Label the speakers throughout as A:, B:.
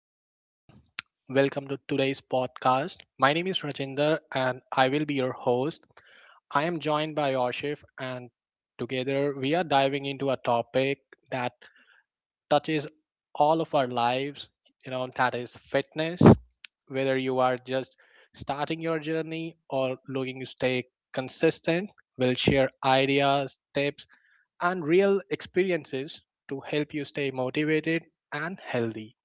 A: Hi everyone. Welcome to today's podcast. My name is Rajinder and I will be your host. I am joined by Yoshif and together we are diving into a topic that touches all of our lives, that is fitness. Whether you are just starting your journey or looking to stay consistent, we'll share ideas, tips and real experiences to help you stay motivated and healthy.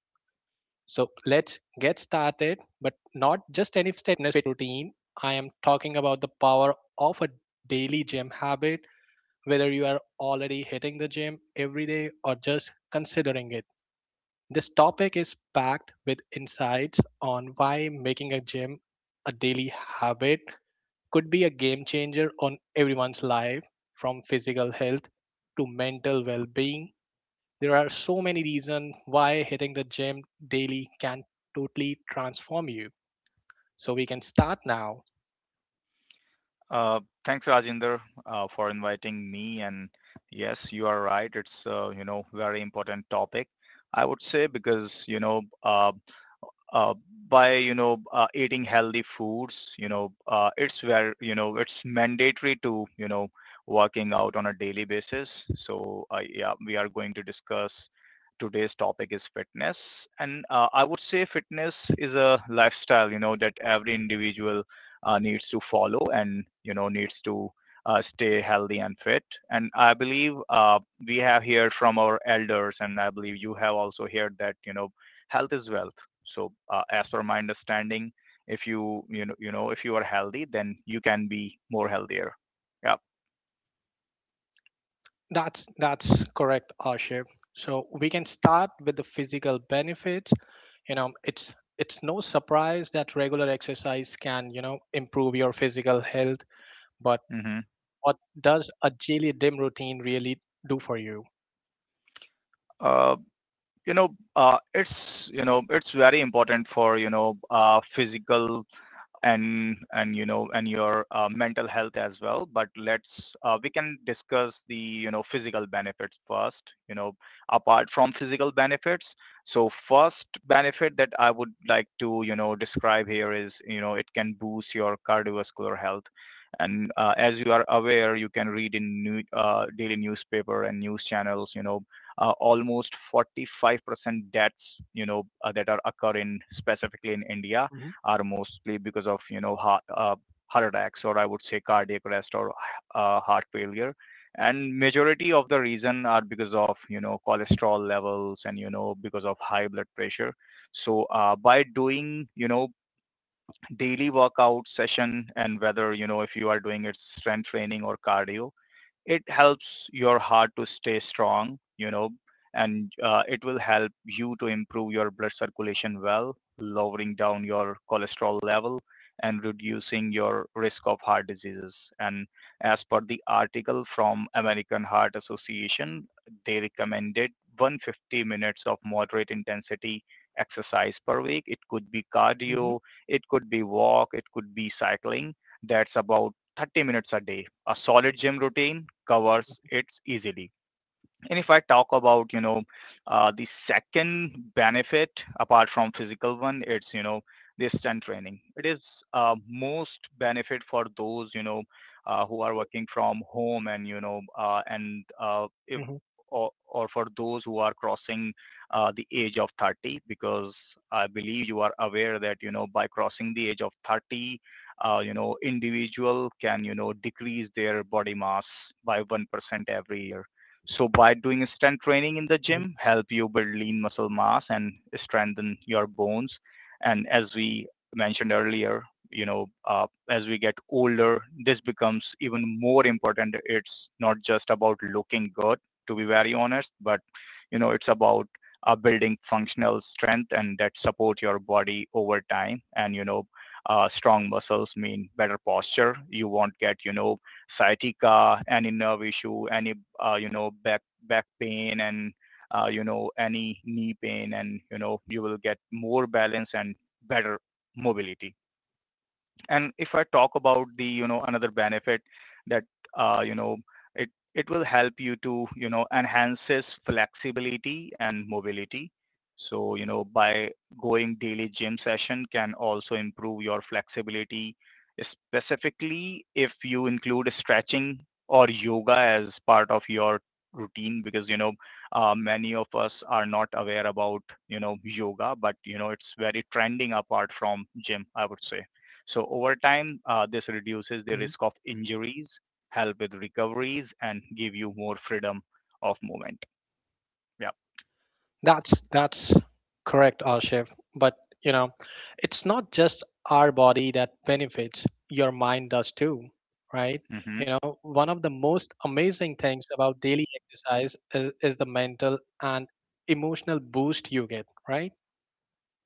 A: So let's get started, but not just any fitness routine. I am talking about the power of a daily gym habit, whether you are already hitting the gym every day or just considering it. This topic is packed with insights on why making a gym a daily habit could be a game changer on everyone's life. From physical health to mental well being, there are so many reasons why hitting the gym daily can totally transform you. So we can start now.
B: Thanks, Rajinder, for inviting me. And yes, you are right. It's very important topic. I would say because you know uh, by you know eating healthy foods it's where you know it's mandatory to you know working out on a daily basis. So yeah, we are going to discuss today's topic is fitness. And I would say fitness is a lifestyle you know that every individual needs to follow and you know needs to stay healthy and fit. And I believe we have heard from our elders, and I believe you have also heard that you know health is wealth. So as per my understanding, if if you are healthy, then you can be more healthier. Yeah.
A: That's correct, Asher. So we can start with the physical benefits. It's no surprise that regular exercise can, improve your physical health, but
B: Mm-hmm.
A: what does a daily gym routine really do for you?
B: Uh, you know, it's you know, it's very important for you know, physical and you know and your mental health as well. But let's we can discuss the you know physical benefits first you know, apart from physical benefits. So first benefit that I would like to you know describe here is you know it can boost your cardiovascular health. And as you are aware, you can read in daily newspaper and news channels, you know, almost 45% deaths, you know, that are occurring specifically in India
A: Hmm.
B: are mostly because of, you know, heart attacks, or I would say cardiac arrest, or heart failure. And majority of the reason are because of, you know, cholesterol levels, and, you know, because of high blood pressure. So by doing, you know, daily workout session, and whether, you know, if you are doing it strength training or cardio, it helps your heart to stay strong, you know, and it will help you to improve your blood circulation well, lowering down your cholesterol level and reducing your risk of heart diseases. And as per the article from American Heart Association, they recommended 150 minutes of moderate intensity exercise per week. It could be
A: Hmm.
B: cardio, it could be walk, it could be cycling. That's about 30 minutes a day. A solid gym routine covers it easily. And if I talk about, you know, the second benefit apart from physical one, it's, you know, the stunt training. It is most benefit for those, you know, who are working from home, and, you know, and if, or for those who are crossing the age of 30, because I believe you are aware that, you know, by crossing the age of 30, you know, individual can, you know, decrease their body mass by 1% every year. So by doing strength training in the gym, help you build lean muscle mass and strengthen your bones. And as we mentioned earlier, you know, as we get older, this becomes even more important. It's not just about looking good, to be very honest, but you know, it's about building functional strength, and that support your body over time. And you know, strong muscles mean better posture. You won't get you know sciatica, any nerve issue, any you know back pain, and you know any knee pain, and you know you will get more balance and better mobility. And if I talk about the, you know, another benefit that, you know, it, it will help you to, you know, enhances flexibility and mobility. So, you know, by going daily gym session can also improve your flexibility, specifically if you include stretching or yoga as part of your routine, because you know many of us are not aware about you know yoga, but you know it's very trending apart from gym, I would say. So over time, this reduces the
A: Hmm.
B: risk of injuries, help with recoveries, and give you more freedom of movement. Yeah.
A: That's correct, Ashif. But you know, it's not just our body that benefits; your mind does too, right? You
B: Hmm.
A: know, one of the most amazing things about daily exercise is the mental and emotional boost you get, right?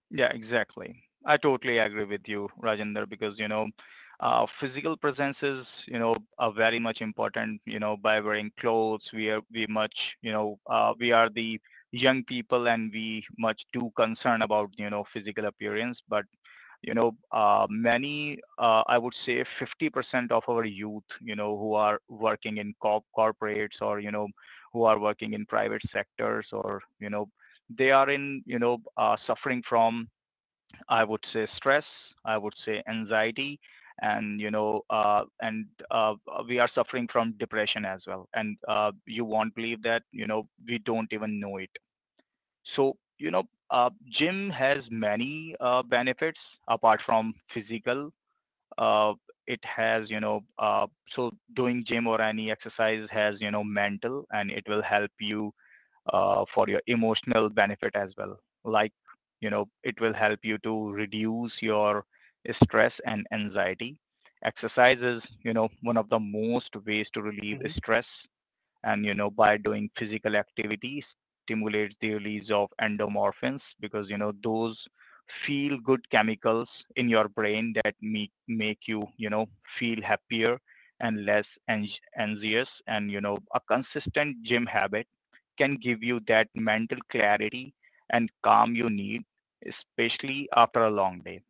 B: Yeah, exactly. I totally agree with you, Rajender, because, you know, physical presence is, you know, very much important, you know, by wearing clothes. We much, you know, we are the young people, and we much too concerned about, you know, physical appearance. But you know, I would say 50% of our youth, you know, who are working in corporates, or, you know, who are working in private sectors, or, you know, they are in, you know, suffering from, I would say stress, I would say anxiety, and, you know, and uh, we are suffering from depression as well. And you won't believe that, you know, we don't even know it. So, you know, gym has many benefits apart from physical. Uh, it has, you know, so doing gym or any exercise has, you know, mental, and it will help you for your emotional benefit as well. Like, you know, it will help you to reduce your stress and anxiety. Exercise is, you know, one of the most ways to relieve
A: Hmm.
B: stress, and you know by doing physical activities stimulates the release of endomorphins, because you know those feel good chemicals in your brain that make you you know feel happier and less anxious. And you know a consistent gym habit can give you that mental clarity and calm you need, especially after a long day.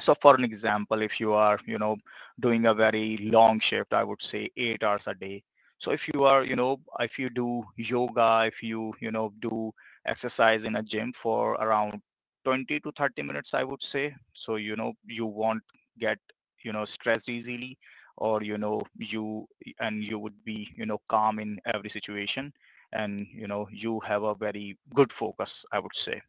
B: So for an example, if you are, you know, doing a very long shift, I would say 8 hours a day. So if you are, you know, if you do yoga, if you, you know, do exercise in a gym for around 20 to 30 minutes, I would say. So, you know, you won't get, you know, stressed easily, or, you know, and you would be, you know, calm in every situation. And, you know, you have a very good focus, I would say.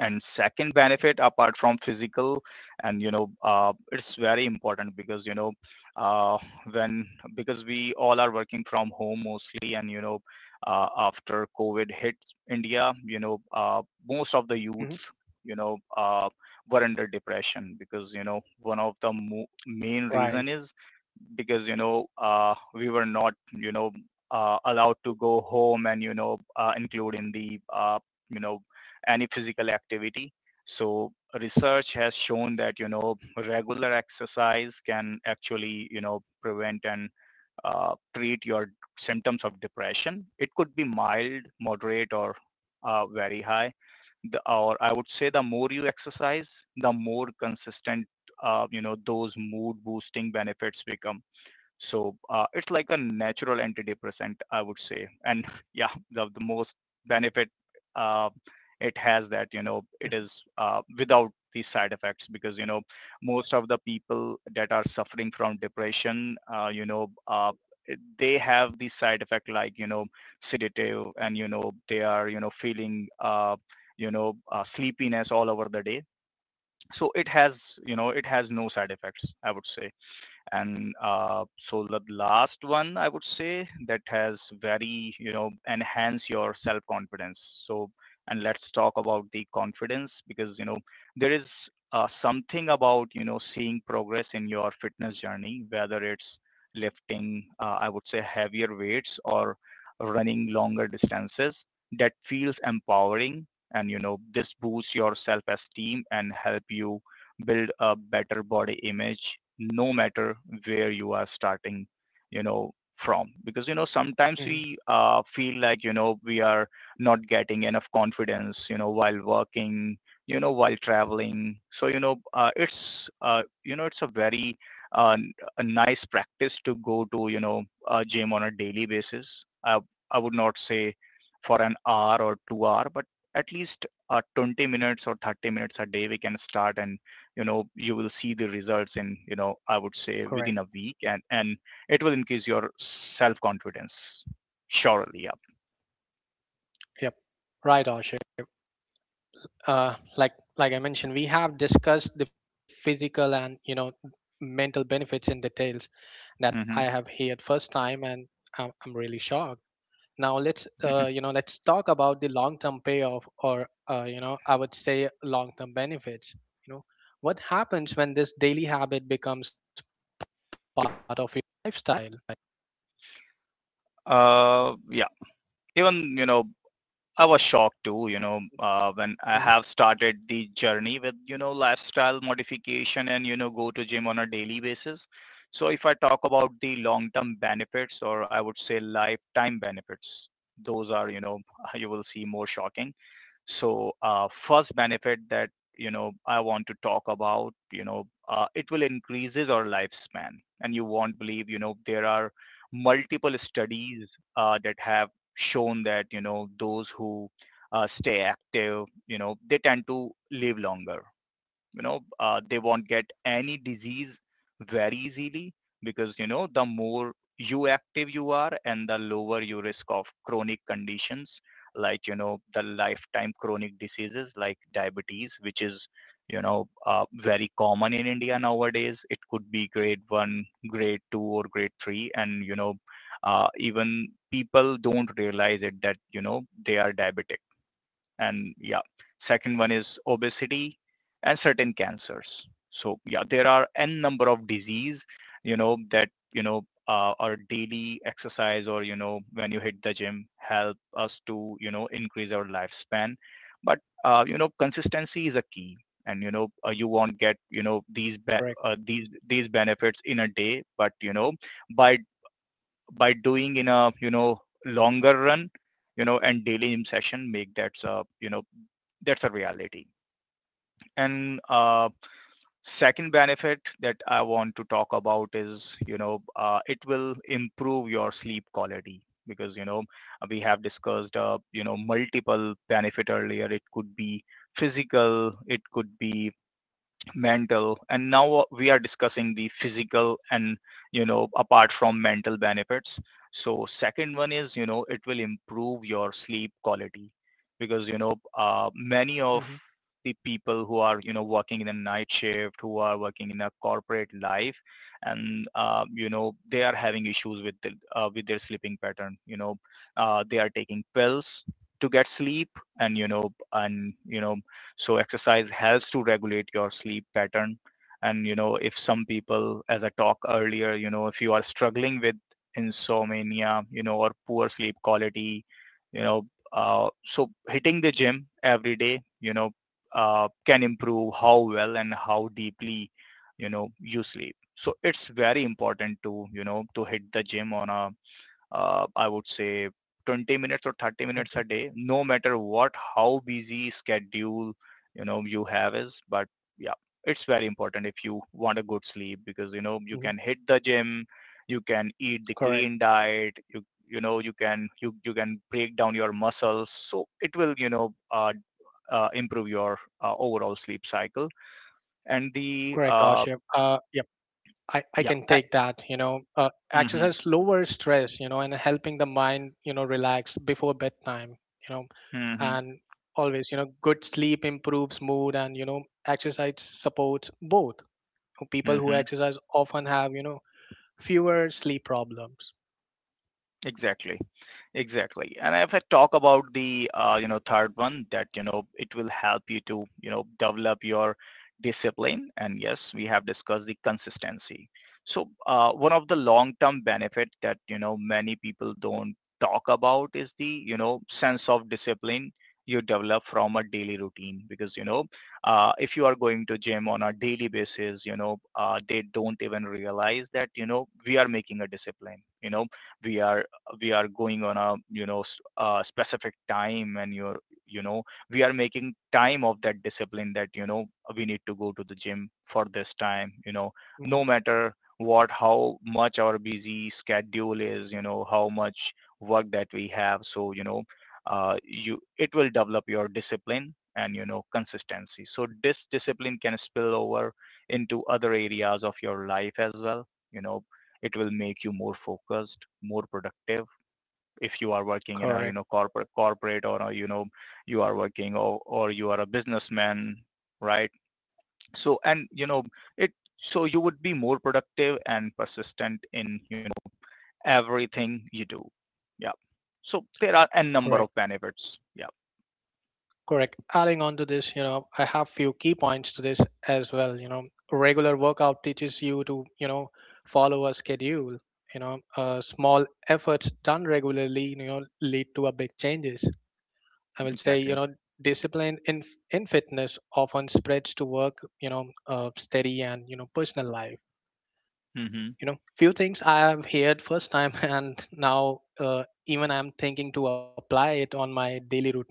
B: And second benefit, apart from physical, and you know, it's very important because you know, uh, when because we all are working from home mostly, and you know, after COVID hit India, you know, most of the youth,
A: Hmm.
B: you know, were under depression, because you know one of the main reason
A: Right.
B: is because, you know, we were not, you know, allowed to go home, and, you know, include in the, you know, any physical activity. So research has shown that, you know, regular exercise can actually, you know, prevent and treat your symptoms of depression. It could be mild, moderate, or very high. The, or I would say the more you exercise, the more consistent, you know, those mood boosting benefits become. So it's like a natural antidepressant, I would say. And yeah, the most benefit uh, it has that, you know, it is without these side effects, because, you know, most of the people that are suffering from depression, they have these side effect like, you know, sedative, and, you know, they are, you know, you know, sleepiness all over the day. So it has, you know, it has no side effects, I would say. And so the last one I would say that has very, you know, enhance your self-confidence. So, and let's talk about the confidence, because, you know, there is something about, you know, seeing progress in your fitness journey, whether it's lifting, I would say heavier weights, or running longer distances, that feels empowering. And you know this boosts your self-esteem and help you build a better body image, no matter where you are starting you know from. Because you know sometimes
A: Hmm.
B: we feel like you know we are not getting enough confidence you know while working, you know while traveling. So you know it's you know it's a very uh, n- a nice practice to go to you know a gym on a daily basis. I would not say for an hour or 2 hour, but at least 20 minutes or 30 minutes a day we can start. And you know you will see the results in you know I would say
A: Correct.
B: within a week. And it will increase your self confidence surely.
A: Yep. Right, Ashif. Like I mentioned, we have discussed the physical and mental benefits in details, that
B: Yeah.
A: I
B: Hmm.
A: have heard first time, and I'm really shocked. Now let's you know let's talk about the long term payoff, or I would say long term benefits. You know what happens when this daily habit becomes part of your lifestyle?
B: Yeah, even you know I was shocked too, you know,
A: Mhm.
B: when I have started the journey with you know lifestyle modification and you know go to gym on a daily basis. So if I talk about the long term benefits, or I would say lifetime benefits, those are you know you will see more shocking. So first benefit that you know I want to talk about, you know, it will increases our lifespan. And you won't believe, you know, there are multiple studies that have shown that you know those who stay active, you know, they tend to Live longer. They won't get any disease very easily, because the more you active you are and the lower your risk of chronic conditions, like the lifetime chronic diseases like diabetes, which is very common in india nowadays. It could be grade 1, grade 2, or grade 3. And you know Even people don't realize it, that they are diabetic. And yeah, second one is obesity and certain cancers. So yeah, there are n number of disease, our daily exercise, or, when you hit the gym, help us to, increase our lifespan. But, consistency is a key. And, you won't get, these,
A: Correct.
B: these benefits in a day, but, by, by doing in a, longer run, and daily gym session make that, that's a reality. And Second benefit that I want to talk about is, it will improve your sleep quality. Because, we have discussed, multiple benefit earlier. It could be physical, it could be mental, and now we are discussing the physical and apart from mental benefits. So second one is, it will improve your sleep quality, because many of
A: Hmm.
B: the people who are working in a night shift, who are working in a corporate life, and they are having issues with the, with their sleeping pattern. They are taking pills to get sleep. And you know and you know So exercise helps to regulate your sleep pattern. And you know If some people, as I talked earlier, if you are struggling with insomnia, or poor sleep quality, you know so hitting the gym every day, can improve how well and how deeply you sleep. So it's very important to to hit the gym on a, I would say, 20 minutes or 30 minutes
A: Hmm.
B: a day, no matter what, how busy schedule, you have is. But yeah, it's very important if you want a good sleep. Because, you
A: Hmm.
B: can hit the gym, you can eat the
A: Correct.
B: clean diet, you, you can, you can break down your muscles. So it will, improve your overall sleep cycle. And the,
A: Correct,
B: uh,
A: Ashif. I
B: yeah,
A: can take that
B: hmm
A: exercise lowers stress and helping the mind relax before bedtime. you know
B: hmm
A: and always, good sleep improves mood and exercise supports both. People who
B: hmm
A: exercise often have fewer sleep problems.
B: exactly. Exactly. And if I talk about the, third one, that, it will help you to, develop your discipline. And yes, we have discussed the consistency. So one of the long-term benefit that, many people don't talk about is the, sense of discipline you develop from a daily routine. Because, if you are going to gym on a daily basis, they don't even realize that, we are making a discipline, we are we are going on a specific time, and you're you know we are making time of that discipline, that we need to go to the gym for this time.
A: Mhm.
B: No matter what, how much our busy schedule is, how much work that we have. So you, it will develop your discipline and consistency. So this discipline can spill over into other areas of your life as well. you know it will make you more focused, more productive, if you are working in a
A: Correct.
B: corporate or a, you are working, or you are a businessman, right? So and you know it so you would be more productive and persistent in everything you do. Yeah. So there are a number
A: Correct.
B: of benefits. Yeah,
A: Correct. Adding on to this, I have few key points to this as well. Regular workout teaches you to, follow a schedule. Small efforts done regularly, lead to a big changes. I will say,
B: exactly.
A: discipline in fitness often spreads to work, steady and personal life.
B: Mm-hmm.
A: Few things I have heard first time, and now even I'm thinking to apply it on my daily routine,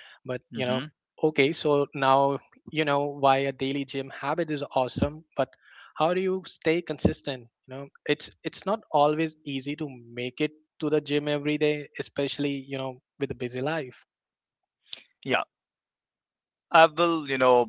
A: but
B: Mm-hmm.
A: okay, so now you know why a daily gym habit is awesome, but how do you stay consistent? It's not always easy to make it to the gym every day, especially with a busy life.
B: Yeah, I will,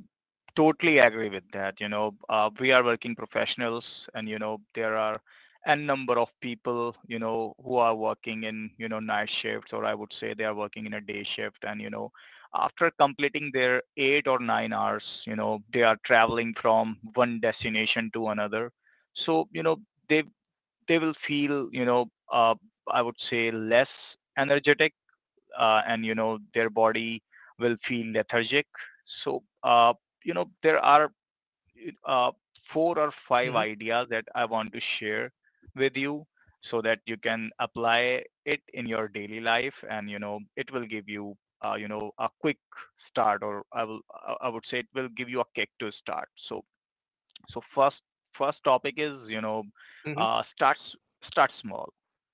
B: totally agree with that. We are working professionals, and, there are n number of people, who are working in, night shifts, or I would say they are working in a day shift, and, after completing their 8 or 9 hours, they are traveling from one destination to another. So, they, they will feel, uh, I would say less energetic, and you know their body will feel lethargic. So there are uh, four or five
A: Hmm.
B: ideas that I want to share with you, so that you can apply it in your daily life, and it will give you you know a quick start, or I will, I would say, it will give you a kick to start. So, so first, topic is,
A: Hmm.
B: uh, start s- start small.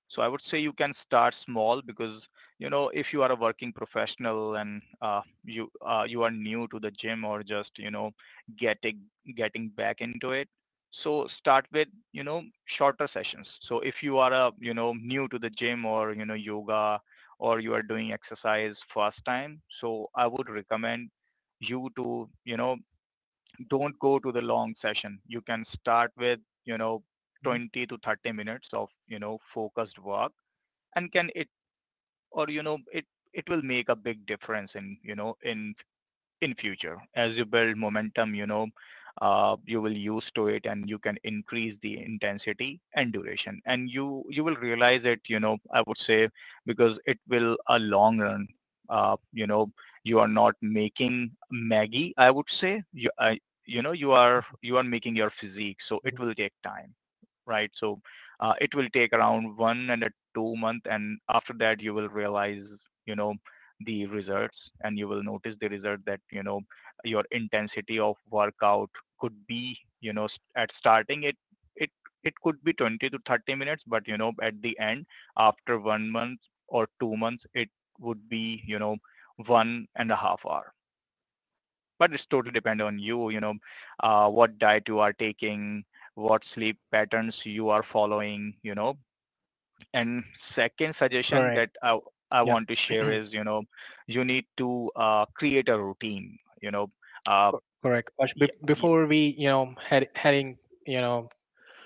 B: So I would say you can start small, because if you are a working professional, and you, you are new to the gym, or just getting getting back into it. So start with shorter sessions. So if you are a, new to the gym, or yoga, or you are doing exercise first time, so I would recommend you to, don't go to the long session. You can start with, you know,
A: Hmm.
B: 20 to 30 minutes of, focused work, and can it, or, you know, it will make a big difference in, in future, as you build momentum. You will use to it, and you can increase the intensity and duration, and you will realize it. You know I would say Because it will a long run. uh, you know you are not making maggie, I would say, you are, you are making your physique, so it
A: Hmm.
B: will take time, right? So it will take around one and a 2 month, and after that you will realize, you know, the results, and you will notice the result, that your intensity of workout could be, at starting it, it it could be 20 to 30 minutes, but at the end, after 1 month or 2 months, it would be, 1.5 hour. But it's totally depend on you. You know What diet you are taking, what sleep patterns you are following. And second suggestion
A: Correct.
B: that I
A: Yep.
B: want to share is, you need to create a routine, you know uh,
A: Correct, Ash,
B: yeah,
A: be-
B: yeah,
A: before we heading you know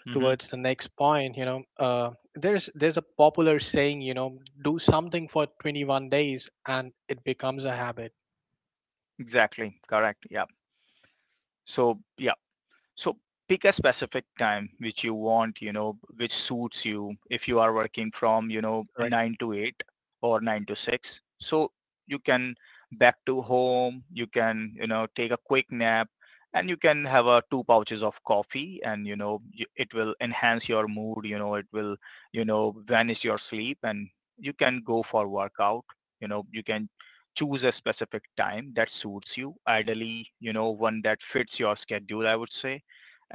B: hmm,
A: towards the next point. There's a popular saying, do something for 21 days and it becomes a habit.
B: exactly, correct, yeah. So yeah. So pick a specific time which you want, which suits you. If you are working from,
A: Correct.
B: 9 to 8 or 9 to 6. So you can back to home, you can, take a quick nap, and you can have a two pouches of coffee, and, it will enhance your mood, it will, vanish your sleep, and you can go for workout. You can choose a specific time that suits you. Ideally, one that fits your schedule, I would say.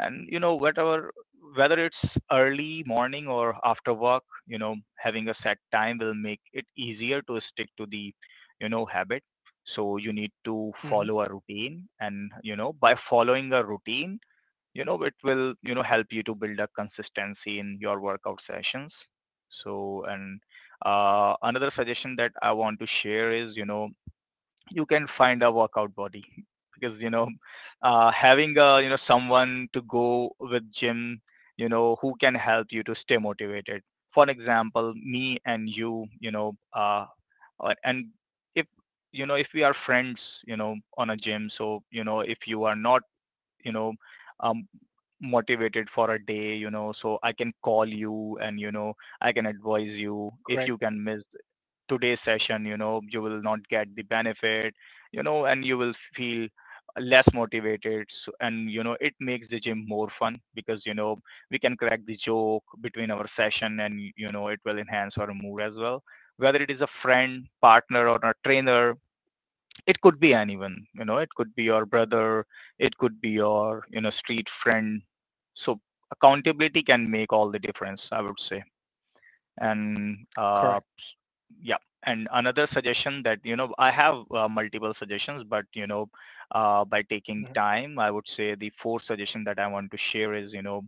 B: And you know whatever Whether it's early morning or after work, having a set time will make it easier to stick to the, habit. So you need to
A: Hmm.
B: follow a routine. And you know By following a routine, it will, help you to build a consistency in your workout sessions. So and Another suggestion that I want to share is, you can find a workout body. Because having a, someone to go with gym, who can help you to stay motivated. For example, me and you. You know and If if we are friends, on a gym, so if you are not, you know um, motivated for a day, so I can call you, and I can advise you. If you
A: Correct.
B: can miss today's session, you will not get the benefit, and you will feel less motivated. So, and it makes the gym more fun, because we can crack the joke between our session, and it will enhance our mood as well. Whether it is a friend, partner, or a trainer. It could be anyone. It could be your brother, it could be your, street friend. So accountability can make all the difference, I would say. And
A: Correct.
B: Yeah. And another suggestion that, I have, multiple suggestions, but by taking
A: Hmm.
B: time, I would say the Fourth suggestion that I want to share is,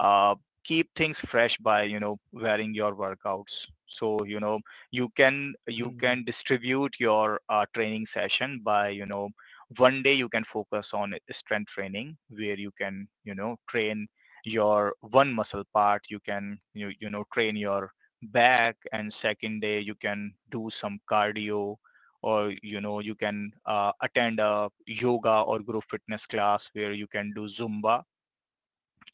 B: uh, keep things fresh by wearing your workouts. So you can
A: Mm.
B: distribute your training session by, one day you can focus on strength training, where you can train your one muscle part. You can train your back. And second day you can do some cardio, or you can attend a yoga or group fitness class where you can do Zumba.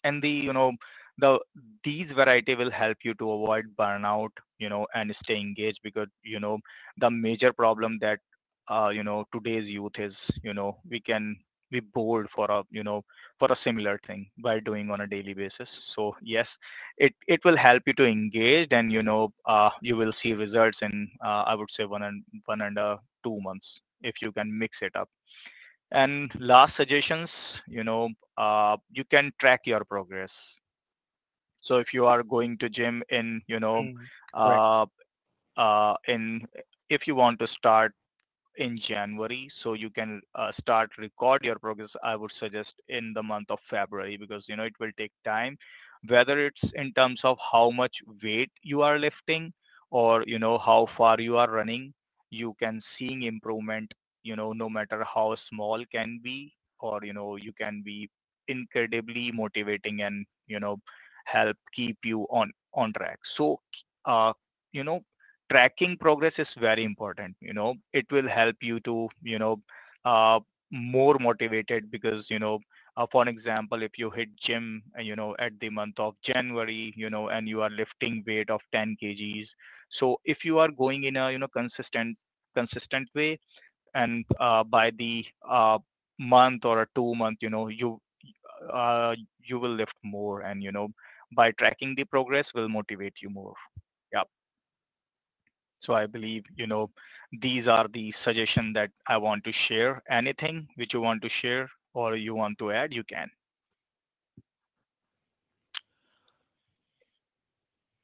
B: And the these variety will help you to avoid burnout and stay engaged, because the major problem that today's youth is, we can be bored for a, for a similar thing by doing on a daily basis. So yes, it will help you to engage, and you will see results in, I would say, one and one and 2 months if you can mix it up. And last suggestions, you can track your progress. So if you are going to gym in,
A: Mm.
B: uh,
A: Correct.
B: in, if you want to start in January, so you can start record your progress. I would suggest in the month of February, because it will take time, whether it's in terms of how much weight you are lifting, or how far you are running. You can seeing improvement, no matter how small can be, or you can be incredibly motivating, and help keep you on track. So uh, you know tracking progress is very important. You know, it will help you to, uh, more motivated, because, for an example, if you hit gym, at the month of January, and you are lifting weight of 10 kgs. So if you are going in a, consistent, way, and by the uh, month or a 2 month, you, uh, you will lift more, and, by tracking the progress will motivate you more. Yeah. So I believe, these are the suggestion that I want to share. Anything which you want to share or you want to add, you can.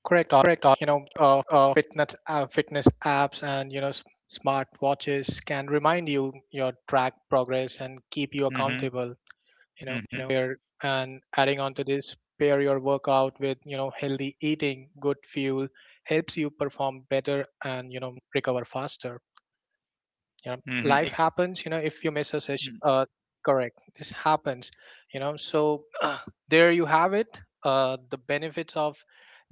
A: Correct. Fitness apps and smart watches can remind you your track progress and keep you
B: Mm-hmm.
A: accountable.
B: Mm-hmm.
A: Here, and adding on to this, pair your workout with healthy eating. Good fuel helps you perform better and recover faster.
B: Mm-hmm.
A: Life
B: Ex-
A: happens. If you miss a session, correct, this happens. So, there you have it, the benefits of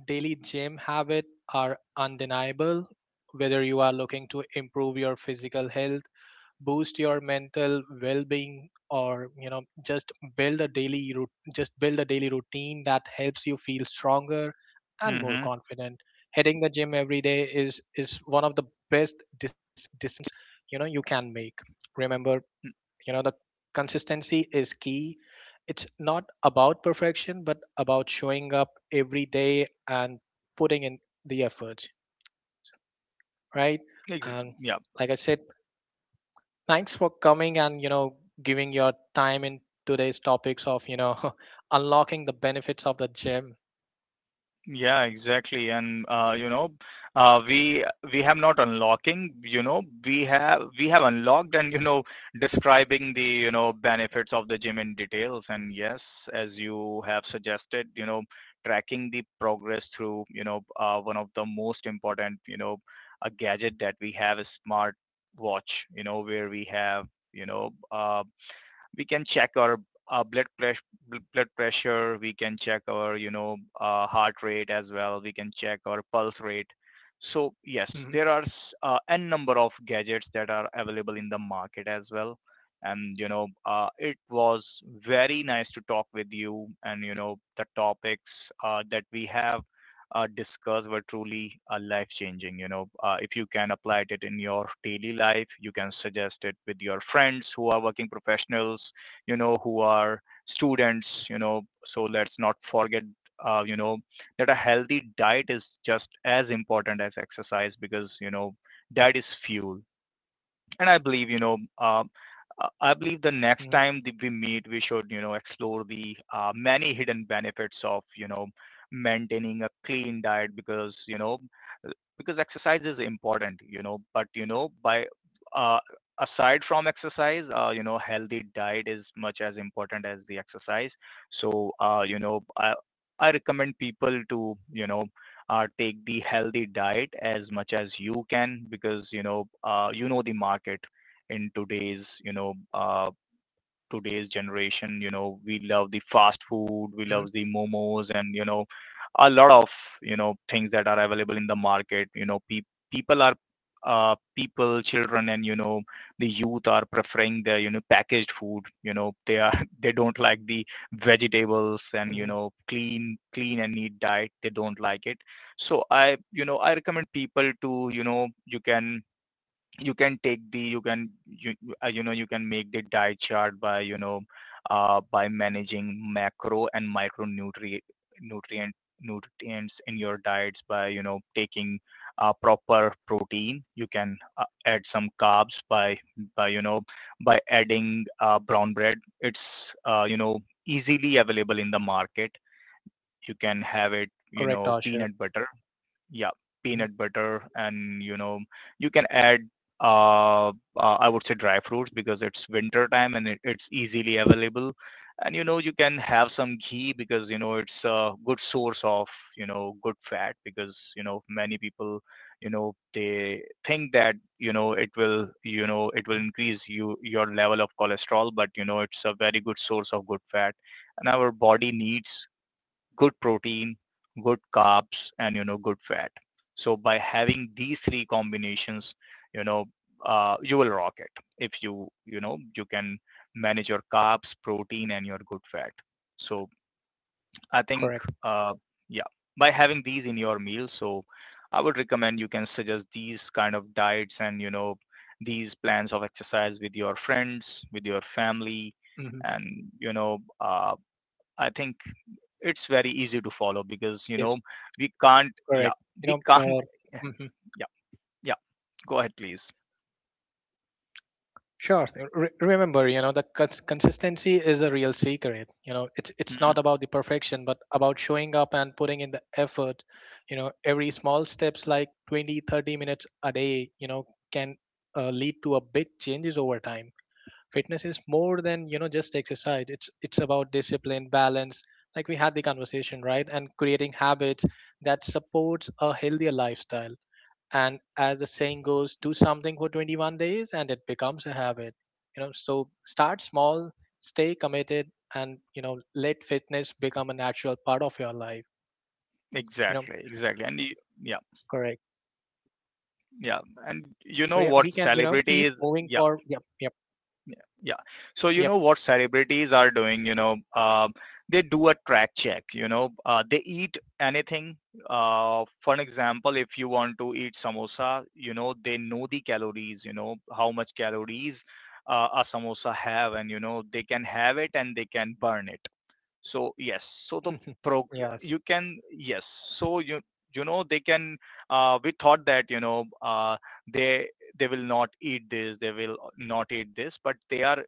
A: daily gym habit are undeniable. Whether you are looking to improve your physical health, boost your mental well-being, or just build a daily routine that helps you feel stronger and more
B: mm-hmm.
A: confident, hitting the gym every day is one of the best decisions you can make. Remember, the consistency is key. It's not about perfection but about showing up every day and putting in the efforts, right?
B: Ex-
A: And
B: yeah.
A: like I said, thanks for coming and giving your time in today's topics of, unlocking the benefits of the gym.
B: Yeah, exactly. And uh, we we have not unlocking, we have unlocked, and describing the benefits of the gym in details. And yes, as you have suggested, tracking the progress through, one of the most important, a gadget that we have is smart watch. You know, where we have you know uh, we can check our blood pressure. We can check our heart rate as well. We can check our pulse rate. So yes,
A: Hmm.
B: there are n number of gadgets that are available in the market as well. And it was very nice to talk with you, and the topics that we have discussed were truly life changing. You know, if you can apply it in your daily life, you can suggest it with your friends who are working professionals, who are students, so let's not forget, uh, you know, that a healthy diet is just as important as exercise, because, diet is fuel, and I believe, um, I believe the next
A: Hmm.
B: time that we meet, we should, explore the many hidden benefits of maintaining a clean diet, because, uh, because exercise is important, but, by uh, aside from exercise, healthy diet is much as important as the exercise. So, I recommend people to, take the healthy diet as much as you can, because, the market in today's, today's generation, we love the fast food, we love
A: Hmm.
B: the momos, and a lot of things that are available in the market. People are, people, children, and the youth are preferring the packaged food. They are they don't like the vegetables, and
A: Hmm.
B: clean and neat diet. They don't like it. So I, I recommend people to, you can take the, you can you can make the diet chart by, by managing macro and micronutrient nutrient nutrients in your diets, by taking proper protein. You can add some carbs by by you know adding brown bread. It's easily available in the market. You can have it. You
A: Correct,
B: know,
A: Asher.
B: peanut butter. Yeah,
A: Hmm.
B: peanut butter. And you can add uh, I would say dry fruits because it's winter time, and it's easily available. And you can have some ghee because, it's a good source of good fat, because many people they think that it will, it will increase you, your level of cholesterol, but it's a very good source of good fat. And our body needs good protein, good carbs, and good fat. So by having these three combinations, you know you will rock it. If you, you know you can manage your carbs, protein, and your good fat. So I think,
A: Correct.
B: uh, yeah, by having these in your meal, so I would recommend you can suggest these kind of diets and these plans of exercise with your friends, with your family,
A: Hmm.
B: and you know uh, I think it's very easy to follow, because
A: Yes,
B: we can't. Yeah,
A: correct.
B: we can't.
A: Mhm.
B: Yeah, yeah. Go ahead, please.
A: Sure. Remember, the consistency is a real secret. It's
B: Mhm.
A: not about the perfection, but about showing up and putting in the effort. Every small steps like 20, 30 minutes a day, you know, can lead to a big changes over time. Fitness is more than just exercise. It's about discipline, balance, like we had the conversation, right, and creating habits that supports a healthier lifestyle. And as the saying goes, do something for 21 days and it becomes a habit. So start small, stay committed, and let fitness become a natural part of your life. you know
B: Exactly, exactly. And you, yeah,
A: correct.
B: yeah. And you
A: So
B: know
A: yeah,
B: what
A: we can
B: celebrity
A: keep
B: is?
A: moving
B: Yeah.
A: forward. Yep. Yep.
B: Yeah. Yeah. So you know
A: Yep.
B: what celebrities are doing, they do a track check, they eat anything. For an example, if you want to eat samosa, they know the calories, how much calories a samosa have, and they can have it and they can burn it. So yes, so the prog
A: Yes.
B: you can, yes, so you know they can. We thought that they they will not eat this, they will not eat this, but they are,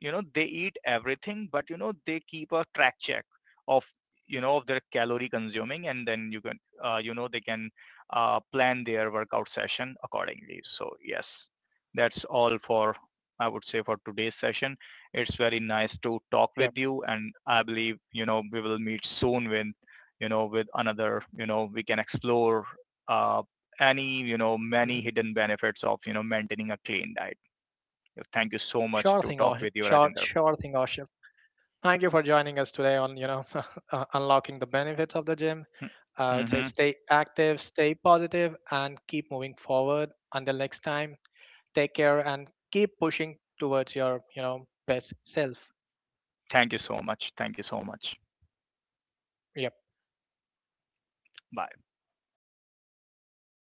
B: they eat everything, but they keep a track check of of their calorie consuming. And then you can you know they can plan their workout session accordingly. So yes, that's all for, I would say, for today's session. It's very nice to talk with
A: Yep.
B: you, and I believe we will meet soon with, with another, we can explore uh, any, many
A: Hmm.
B: hidden benefits of maintaining a clean diet. Thank you so much
A: Sure
B: to
A: thing,
B: talk
A: Ash.
B: with you,
A: Sure,
B: Rajinder.
A: sure thing, Ash. Thank you for joining us today on, unlocking the benefits of the gym. I would say
B: Mm-hmm.
A: stay active, stay positive, and keep moving forward. Until next time, take care and keep pushing towards your, best self.
B: Thank you so much. Thank you so much.
A: Yep.
B: Bye.